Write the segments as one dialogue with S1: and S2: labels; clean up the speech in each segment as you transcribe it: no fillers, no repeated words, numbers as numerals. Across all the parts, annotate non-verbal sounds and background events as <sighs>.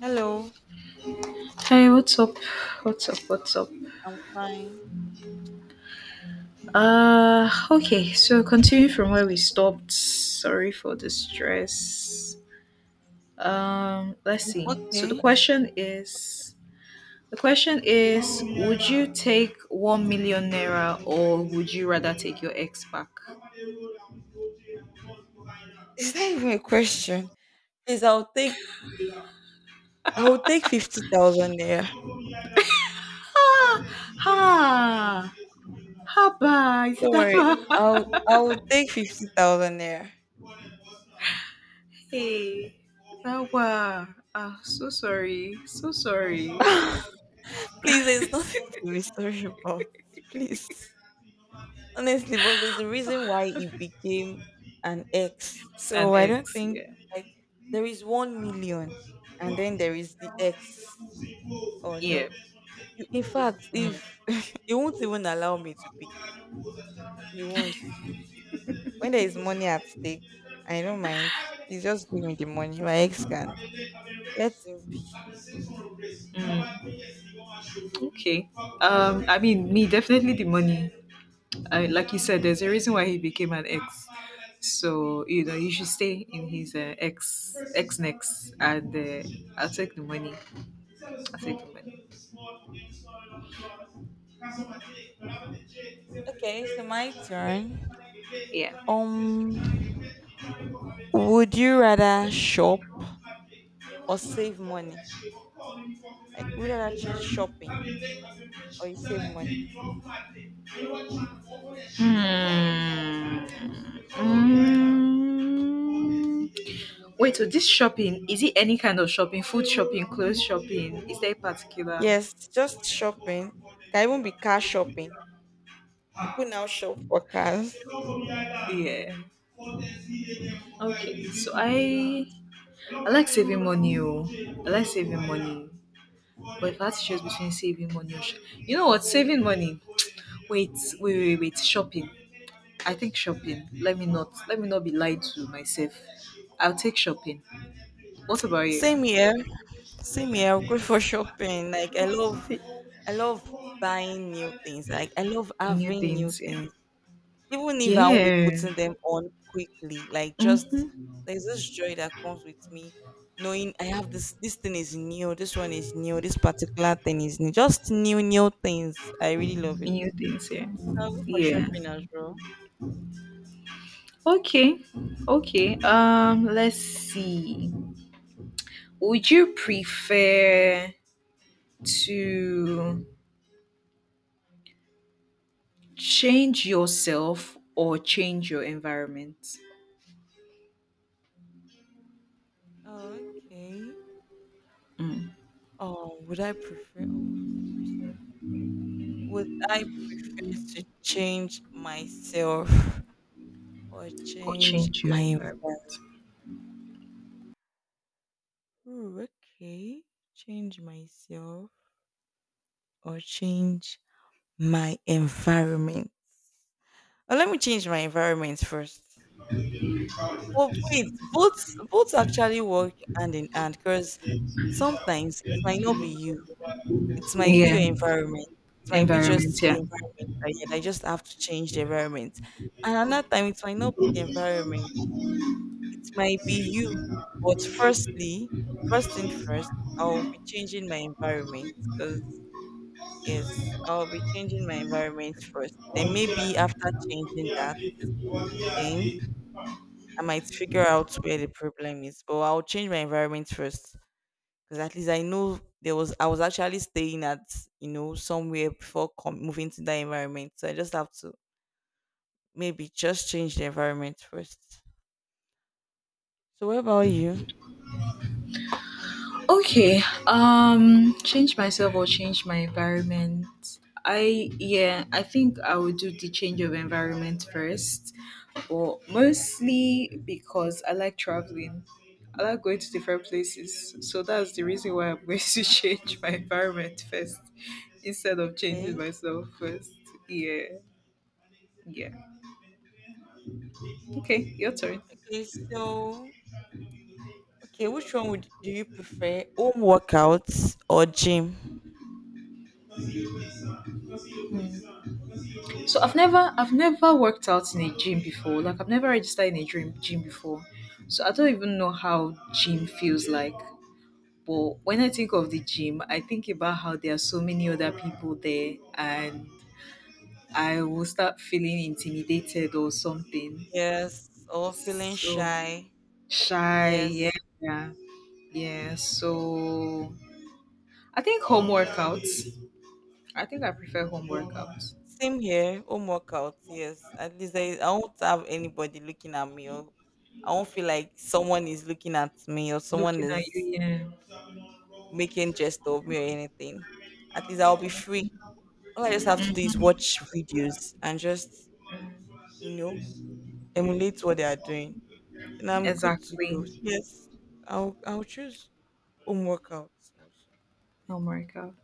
S1: Hello.
S2: Hi, what's up? What's up? What's up?
S1: I'm fine.
S2: Okay, so continue from where we stopped. Sorry for the stress. Let's see. So the
S1: Okay.
S2: question is the question is would you take 1 million naira or would you rather take your ex back?
S1: <laughs> Is that even a question? Please, I'll take 50,000 there.
S2: Ha! Ha! Haba! Is it
S1: Don't
S2: that
S1: worry.
S2: bad?
S1: I'll
S2: <laughs>
S1: I'll take 50,000 there.
S2: Hey, Rawa, so sorry, so sorry.
S1: <laughs> Please, there's nothing to be sorry about.
S2: <laughs>
S1: Please. Honestly, but there's a reason why it became an X.
S2: <laughs> An
S1: So I don't
S2: ex,
S1: think,
S2: yeah.
S1: like, there is 1 million, and then there is the X. Or
S2: Yeah.
S1: no. You, in fact,
S2: Mm. Mm.
S1: if <laughs> you won't even allow me to pick him. You won't. When there is money at stake, I don't mind. Please just give me the money. My ex can. Let him be.
S2: Okay. I mean, me definitely the money. Like you said, there's a reason why he became an ex. So you know, you should stay in his ex next, and I'll take the money. Effectively.
S1: Okay, so my turn.
S2: Yeah.
S1: Um, would you rather shop or save money? Like, would you rather choose shopping or you save money?
S2: Hmm. Wait, so this shopping, is it any kind of shopping? Food shopping, clothes shopping? Is there a particular?
S1: Yes, just shopping. Can even be car shopping. People now shop for cars.
S2: Yeah. Okay, so I like saving money. Oh. I like saving money. But if I had to choose between saving money or you know what, saving money. <tsk> Wait, wait, wait, wait. Shopping. I think shopping. Let me not be lied to myself. I'll take shopping. What about you?
S1: Same here. Same here. I'm good for shopping. Like, I love buying new things. Like, I love
S2: New
S1: having new
S2: things, yeah.
S1: things. Even if I won't be
S2: Yeah.
S1: putting them on quickly, like just
S2: Mm-hmm.
S1: there's this joy that comes with me knowing I have this thing is new, this one is new, this particular thing is new. Just new, new things. I really love it.
S2: New things, yeah.
S1: I'll go for
S2: Yeah.
S1: shopping as well.
S2: Okay. Okay. Let's see. Would you prefer to change yourself or change your environment?
S1: Oh, okay.
S2: Mm.
S1: Oh, would I prefer? Oh, good question. Would I prefer to change myself <laughs> or
S2: Or
S1: change
S2: change your
S1: my?
S2: environment.
S1: Ooh, okay, change myself or change my environment. Oh, let me change my environment first. Oh wait, both actually work hand in hand because sometimes it might not be you. It might be
S2: Yeah.
S1: your environment. It might be
S2: Environment,
S1: just the
S2: yeah.
S1: environment that I just have to change the environment. And another time it might not be the environment. It might be you. But firstly, first thing first, I'll be changing my environment because yes, I'll be changing my environment first. Then maybe after changing that, then I might figure out where the problem is. But I'll change my environment first, because at least I know there was I was actually staying at, you know, somewhere before moving to that environment. So I just have to maybe just change the environment first. So what about you?
S2: Okay. Change myself or change my environment. I yeah, I think I would do the change of environment first. But mostly because I like traveling. I like going to different places. So that's the reason why I'm <laughs> going to change my environment first instead of changing
S1: Okay.
S2: myself first. Yeah. Yeah. Okay, your turn.
S1: Okay. So okay, which one would do you prefer, home workouts or gym?
S2: So I've never worked out in a gym before. Like I've never registered in a gym before. So I don't even know how gym feels like. But when I think of the gym, I think about how there are so many other people there, and I will start feeling intimidated or something.
S1: Yes, or feeling
S2: So
S1: shy.
S2: shy, yeah.
S1: Yes.
S2: Yeah. Yeah. So I think home workouts. I think I prefer home workouts.
S1: Same here, home workout, yes. At least I won't have anybody looking at me or I won't feel like someone is looking at me or someone
S2: Looking at you,
S1: is
S2: yeah.
S1: making jest of me or anything. At least I'll be free. All I just have to do is
S2: Mm-hmm.
S1: watch videos and just, you know, emulate what they are doing. And I'm good to go.
S2: Exactly.
S1: Yes. I'll choose home workouts also.
S2: Home workouts.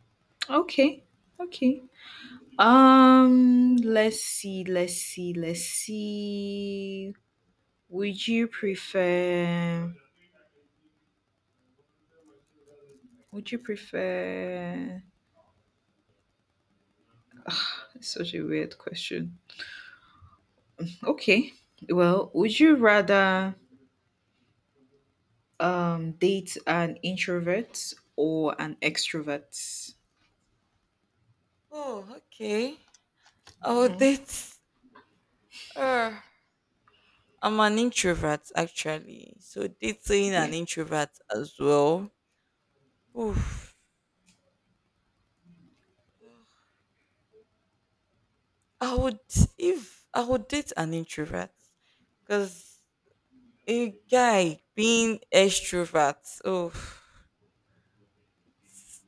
S2: Okay. Okay. Let's see, let's see, let's see. Would you prefer would you prefer That's such a weird question. Okay. Well, would you rather date an introvert or an extrovert?
S1: Oh, okay. Oh, will
S2: Mm,
S1: date. I'm an introvert actually, so dating an
S2: yeah.
S1: introvert as well. Oof. I would if I would date an introvert, cause a guy being extrovert. Oh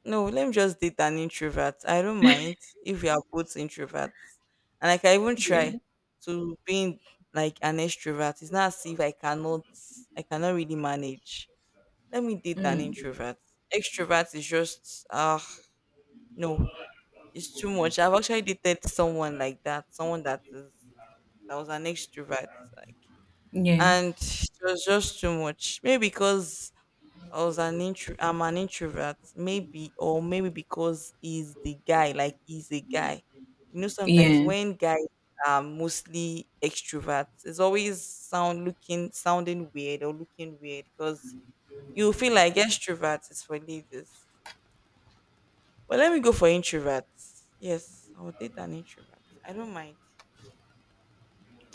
S1: no, let me just date an introvert. I don't mind if we are both introverts, and, like, I can even try
S2: Yeah.
S1: to being like an extrovert. It's not as if I cannot really manage. Let me date an
S2: Mm,
S1: introvert. Extrovert is just, no, it's too much. I've actually dated someone like that, someone that is that was an extrovert, like,
S2: yeah.
S1: and it was just too much. Maybe because I was an intro, I'm an introvert, maybe, or maybe because he's the guy, like he's a guy. You know, sometimes
S2: Yeah.
S1: when guys are mostly extroverts, it's always sounding weird or looking weird because you feel like extroverts is for ladies. But let me go for introverts. Yes, I will date an introvert. I don't mind.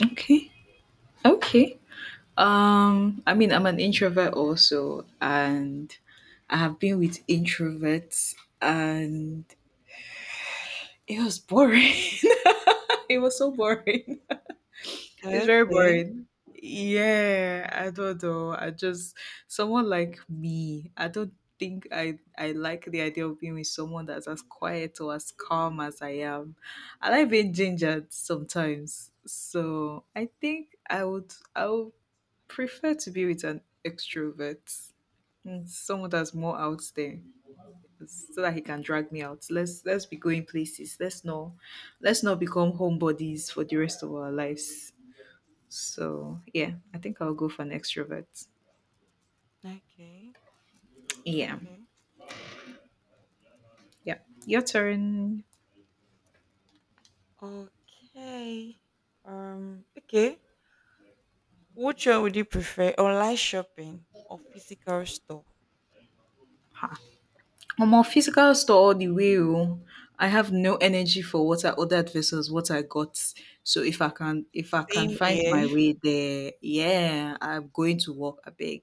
S2: Okay. Okay. I mean, I'm an introvert also, and I have been with introverts, and it was boring. <laughs> It was so boring. It's very
S1: Okay.
S2: boring. Yeah, I don't know. I just someone like me. I don't think I like the idea of being with someone that's as quiet or as calm as I am. I like being gingered sometimes. So I think I would prefer to be with an extrovert, someone that's more out there, so that he can drag me out. Let's be going places. Let's not become homebodies for the rest of our lives. So yeah, I think I'll go for an extrovert.
S1: Okay.
S2: Yeah,
S1: Okay.
S2: yeah. Your turn.
S1: Okay. Okay. Which one would you prefer? Online shopping or physical store?
S2: Omo, physical store all the way, oo. I have no energy for what I ordered versus what I got. So if I can
S1: Same
S2: find
S1: here.
S2: my way there, yeah, I'm going to work, abeg.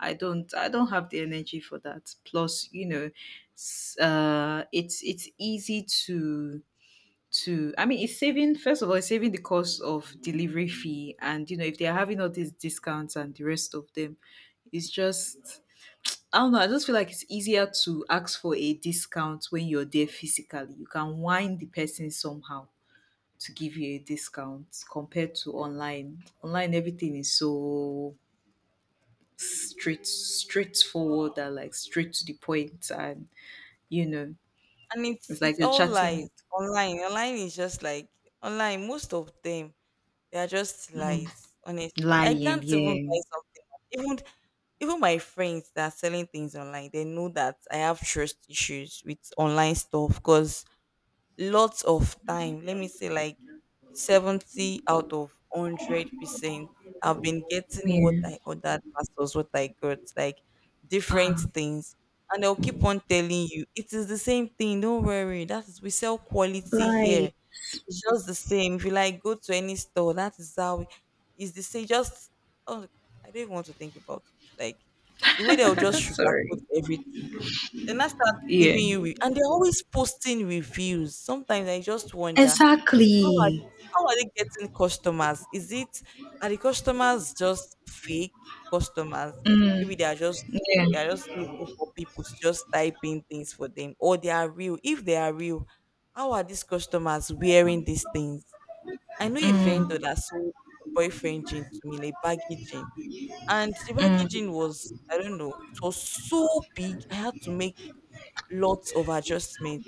S2: I don't have the energy for that, plus you know, it's easy to I mean, it's saving. First of all, it's saving the cost of delivery fee, and you know, if they're having all these discounts and the rest of them, it's just, I don't know. I just feel like it's easier to ask for a discount when you're there physically. You can wind the person somehow to give you a discount compared to online. Online, everything is so straightforward and like straight to the point, and you know,
S1: And it's
S2: it's like
S1: it's
S2: you're
S1: all
S2: chatting
S1: like
S2: with
S1: online. Online is just like online most of them. They are just lies, honestly. I
S2: lying.
S1: can't even
S2: Yeah,
S1: buy something. Even even my friends that are selling things online, they know that I have trust issues with online stuff because lots of time, let me say like 70 out of 100%, I've been getting what
S2: yeah.
S1: I ordered versus what I got, like different
S2: Ah,
S1: things. And they'll keep on telling you, it is the same thing, don't worry. That is, we sell quality
S2: lie.
S1: here. It's just the same. If you like go to any store, that is how it's the same. Just, oh, I don't even want to think about it. Like the way they'll just
S2: <laughs>
S1: sugarcoat
S2: Sorry.
S1: everything. Then I start
S2: Yeah.
S1: giving you re- and they're always posting reviews. Sometimes I just wonder
S2: Exactly.
S1: how are they getting customers? Is it, are the customers just fake customers?
S2: Mm,
S1: Maybe
S2: yeah.
S1: they are just looking for people to just type in things for them, or they are real. If they are real, how are these customers wearing these things? I know a vendor
S2: Mm,
S1: that sold a boyfriend jean to me, like baggy jean, and the baggy jean
S2: mm,
S1: was, I don't know, it was so big. I had to make lots of adjustments,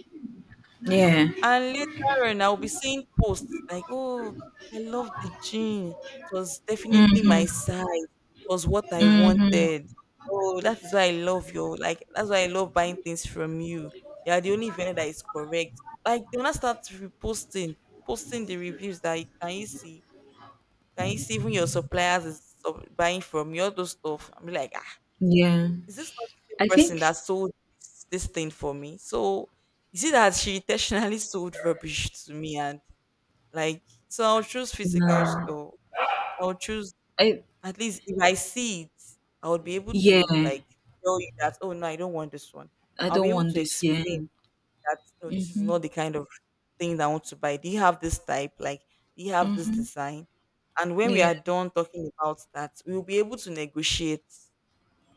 S2: yeah.
S1: and later on, I'll be seeing posts like, oh, I love the jean. It was definitely my
S2: Hmm.
S1: size. It was what I
S2: Mhm.
S1: wanted. Oh, that is why I love you. Like, that's why I love buying things from you. You are the only vendor that is correct. Like, they will not start posting the reviews that you- can you see? Can you see even your suppliers is buying from you? All those stuff. I'm like, ah,
S2: Yeah.
S1: is this not the same
S2: I
S1: person that
S2: think
S1: sold this thing for me? So you see that she intentionally <laughs> sold rubbish to me and, like, so I'll choose physical
S2: no.
S1: store. I'll choose
S2: I
S1: at least if I see it, I would be able
S2: yeah.
S1: to, like, tell you that oh no, I don't want this one.
S2: I
S1: I'll be
S2: don't
S1: able
S2: want
S1: to
S2: this. Yeah.
S1: explain that no, this is
S2: Mhm.
S1: not the kind of thing that I want to buy. Do you have this type? Like, do you have this
S2: Mhm.
S1: design? And when we
S2: Yeah.
S1: are done talking about that, we'll be able to negotiate,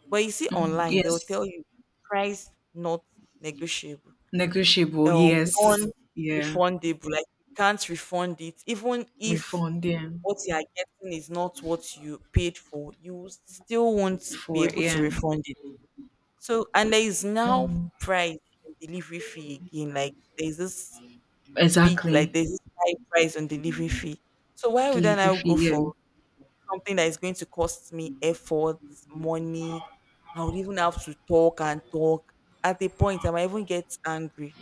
S1: but you see
S2: Mm,
S1: online, they will
S2: yes.
S1: tell you price not negotiable,
S2: Negotiable. Yes. Yeah.
S1: non-refundable. Like you can't refund it, even if
S2: Refund. Yeah.
S1: what you are getting is not what you paid for, you still won't be
S2: For
S1: able to
S2: yeah.
S1: refund it. So, and there is now
S2: Mm.
S1: price and delivery fee again. Like there's this big, like
S2: Exactly.
S1: there's this high price on delivery fee. So why would I
S2: Delivery
S1: now
S2: fee.
S1: go
S2: Yeah.
S1: for something that is going to cost me effort, money. I would even have to talk and talk. At a point, I might even get angry.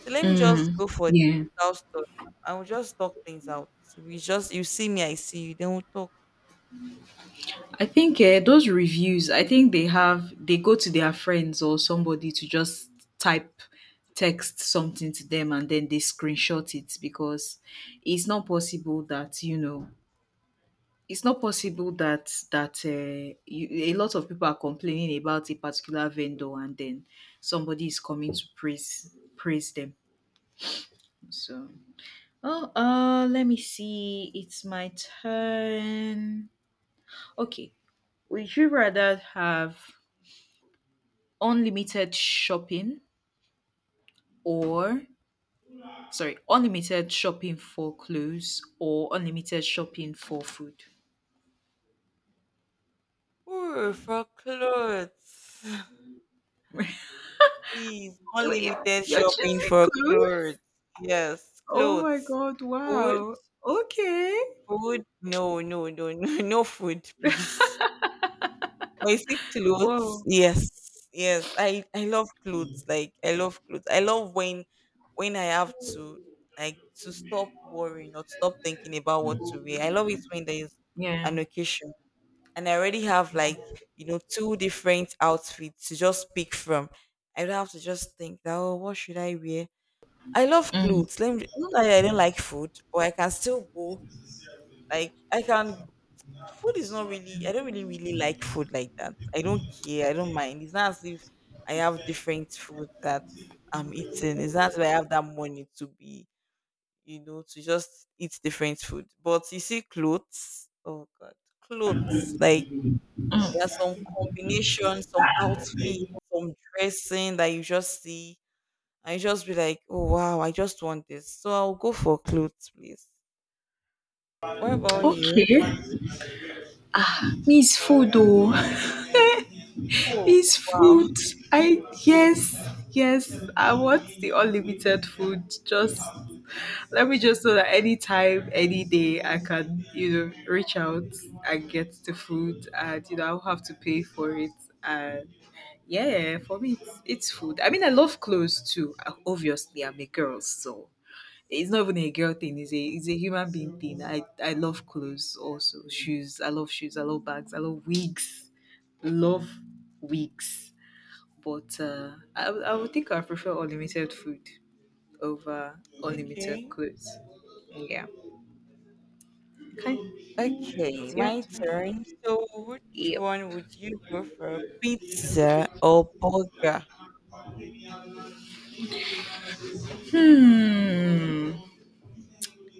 S1: So let me just
S2: Mm.
S1: go for
S2: Yeah.
S1: digital stuff. I will just talk things out. We just you see me, I see you. Then we'll talk.
S2: I think those reviews, I think they go to their friends or somebody to just type text something to them, and then they screenshot it, because it's not possible that it's not possible that that a lot of people are complaining about a particular vendor and then somebody is coming to praise them. So oh let me see, it's my turn. Okay. Would you rather have unlimited shopping or sorry, unlimited shopping for clothes or unlimited shopping for food?
S1: Ooh, for clothes. <sighs> <laughs> Please,
S2: Wait,
S1: unlimited
S2: you're
S1: shopping
S2: choosing
S1: for
S2: clothes?
S1: clothes. Yes,
S2: Oh my
S1: clothes.
S2: god,
S1: Food,
S2: wow. Okay.
S1: food. No, no, no, no, <laughs> no food, please. But you see clothes,
S2: Wow.
S1: yes, yes. I love clothes. Like I love clothes. I love when I have to, like, to stop worrying or stop thinking about what to wear. I love it when there is
S2: Yeah.
S1: an occasion and I already have, like, you know, two different outfits to just pick from. I don't have to just think that oh what should I wear. I love
S2: Mm,
S1: clothes. Let me not that I don't like food, but I can still go. Like I can, food is not really, I don't really really like food like that, I don't care, I don't mind, it's not as if I have different food that I'm eating, it's not as if I have that money to be, you know, to just eat different food, but you see clothes, oh god, clothes, like there's
S2: mm.
S1: some combination, some outfit, some dressing that you just see, and you just be like oh wow I just want this, so I'll go for clothes, please. What about you?
S2: Okay. Means food though. <laughs>
S1: Oh
S2: It's
S1: wow.
S2: food. I yes, yes. I want the unlimited food. Just let me just know that anytime, any day, I can reach out and get the food, and you know I'll have to pay for it. And yeah, for me, it's food. I mean, I love clothes too. Obviously, I'm a girl, so it's not even a girl thing. It's a human being thing. I love clothes also. Shoes. I love shoes. I love bags. I love wigs. Love wigs, but I would think I prefer unlimited food over unlimited
S1: Okay.
S2: clothes. Yeah. Okay,
S1: Okay,
S2: it's your
S1: my
S2: turn.
S1: turn. So, which
S2: Yep.
S1: one would you go for, pizza or burger?
S2: Hmm.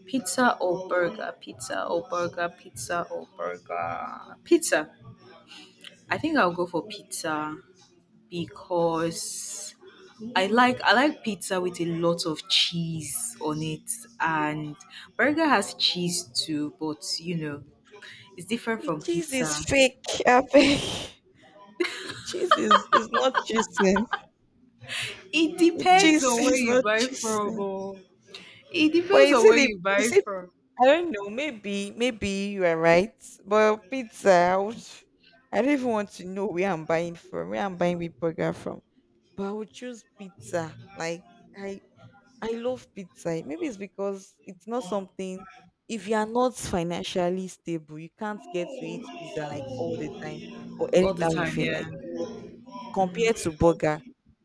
S2: Pizza or burger? Pizza or burger? Pizza or burger? Pizza. I think I'll go for pizza because I like pizza with a lot of cheese on it, and burger has cheese too, but you know it's different
S1: The
S2: from
S1: cheese is
S2: pizza.
S1: fake. <laughs> I beg. The cheese is not cheesing.
S2: It
S1: The
S2: depends
S1: cheese <laughs>
S2: on where
S1: is
S2: you
S1: not
S2: buy from.
S1: cheesing.
S2: Oh. It
S1: But
S2: depends
S1: is
S2: on
S1: it?
S2: where you buy
S1: Is it?
S2: from.
S1: I don't know. Maybe, maybe you are right. But pizza, I, would, I don't even want to know where I'm buying from. Where I'm buying with burger from. But I would choose pizza. Like I I love pizza. Maybe it's because it's not something, if you are not financially stable, you can't get to eat pizza like all the time or
S2: All the
S1: anytime you
S2: time,
S1: feel
S2: yeah.
S1: like, you know, compared to burger,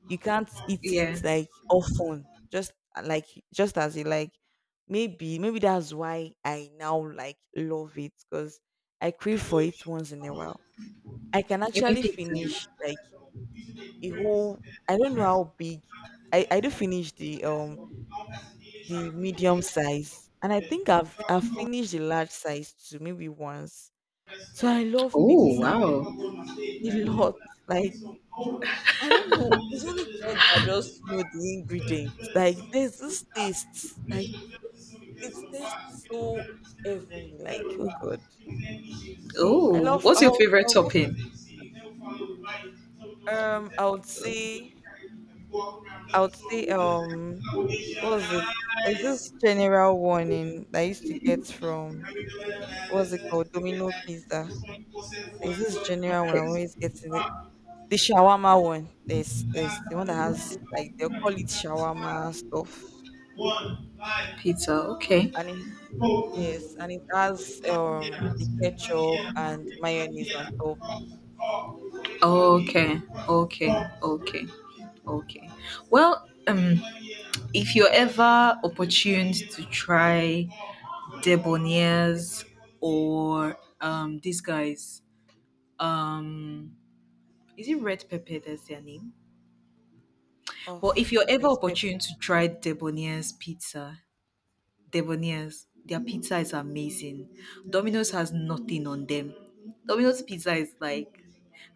S1: you can't eat
S2: Yeah.
S1: it like often, just like just as you like. Maybe, maybe that's why I now like love it because I crave for it once in a while. I can
S2: You mean
S1: actually
S2: pizza?
S1: finish like a whole, I don't know how big, I do finish the medium size, and I think I've finished the large size too, maybe once. So I love
S2: Oh,
S1: pizza
S2: wow.
S1: a <laughs> lot. Like I
S2: <laughs>
S1: don't know, it's only God that just know the ingredients. Like there's this taste, like it tastes so heavenly. Like oh God, I
S2: Oh,
S1: love.
S2: what's your
S1: I'll
S2: favorite
S1: I'll go for
S2: topping?
S1: um. I would say I would say What was it? There's this general warning that I used to get from
S2: Okay.
S1: what's it called? Domino Pizza. There's this general one I'm always getting it. The shawarma one. There's the one that has like they'll call it shawarma stuff.
S2: Pizza, okay.
S1: And it yes, and it has the ketchup and mayonnaise on top.
S2: Okay, okay, okay, okay. Well, if you're ever opportuned to try Debonair's or these guys. um Is it Red Pepper that's their name? But if
S1: Oh,
S2: you're ever
S1: there's pepper.
S2: opportune to try Debonair's pizza, Debonair's, their pizza is amazing. Domino's has nothing on them. Domino's pizza is like,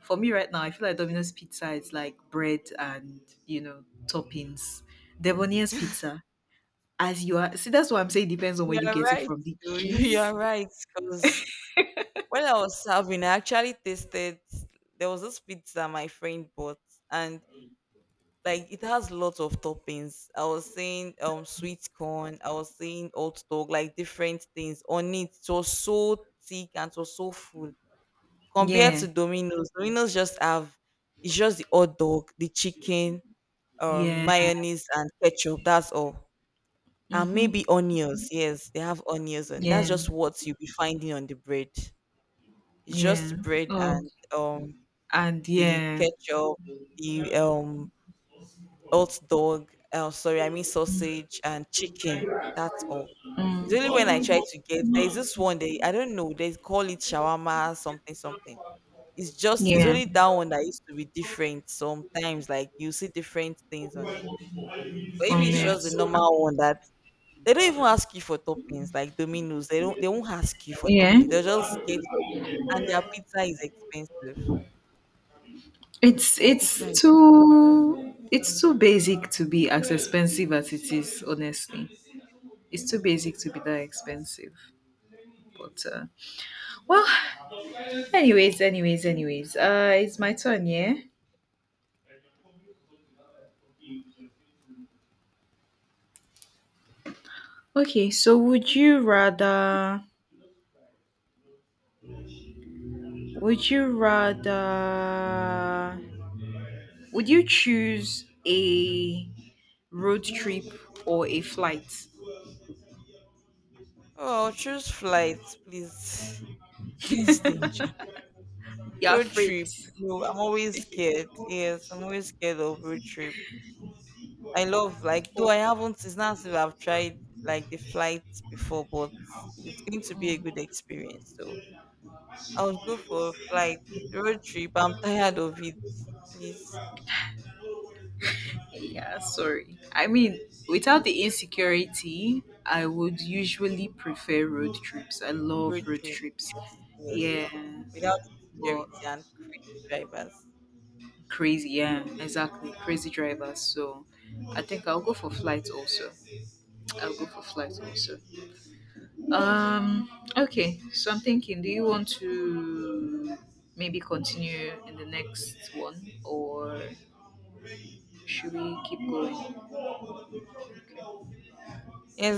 S2: for me right now, I feel like Domino's pizza is like bread and, you know, toppings. Debonair's pizza, as you are, see, that's what I'm saying, depends on where you
S1: You're
S2: get it
S1: right.
S2: from. The
S1: though. <laughs> You're
S2: cheese?
S1: right. Because when I was serving, I actually tasted there was this pizza my friend bought and like it has lots of toppings. I was saying sweet corn, I was saying oat dog, like different things on it. It was so thick and it was so full compared
S2: Yeah,
S1: to Domino's. Domino's just have it's just the hot dog, the chicken,
S2: yeah.
S1: mayonnaise and ketchup. That's all. And
S2: Mm-hmm.
S1: maybe onions. Yes, they have onions on. That's
S2: Yeah,
S1: just what you'll be finding on the bread. It's
S2: yeah.
S1: just bread
S2: Oh,
S1: and
S2: and
S1: the
S2: yeah,
S1: ketchup, the hot dog, oh, sorry, I mean sausage and chicken. That's all. It's
S2: mm,
S1: only when I try to get, there's this one they, I don't know, they call it shawarma something something. It's just, it's
S2: yeah,
S1: only that one that used to be different sometimes, like you see different things on it. But if
S2: on
S1: it's
S2: it.
S1: just the normal one that they don't even ask you for toppings, like Domino's, they don't they won't ask you for
S2: Yeah,
S1: toppings. They'll just get, and their pizza is expensive.
S2: it's
S1: Their pizza is
S2: it's
S1: expensive.
S2: too it's too basic to be as expensive as it is. Honestly, it's too basic to be that expensive. But well, anyways, anyways, anyways, it's my turn. Yeah. Okay. So would you rather? Would you rather? Would you choose a road trip or a flight?
S1: Oh, choose flights, please. <sighs>
S2: <laughs>
S1: Please danger.
S2: You're
S1: Road
S2: afraid.
S1: trip. No, I'm always scared. Yes, I'm always scared of road trip. I love like though I haven't, it's not as if I've tried like the flights before, but it's going to be a good experience. So I would go for a flight. Road trip. I'm tired of it. Please
S2: Yeah, sorry. I mean, without the insecurity, I would usually prefer road trips. I
S1: road
S2: love road
S1: trip.
S2: trips.
S1: Yes, yes.
S2: Yeah,
S1: Without security
S2: but
S1: and crazy drivers.
S2: crazy. Yeah, exactly. Crazy drivers. So I think I'll go for flight also. I'll go for flight also. Um, okay. So I'm thinking, do you want to maybe continue in the next one or should we keep going?
S1: Yes,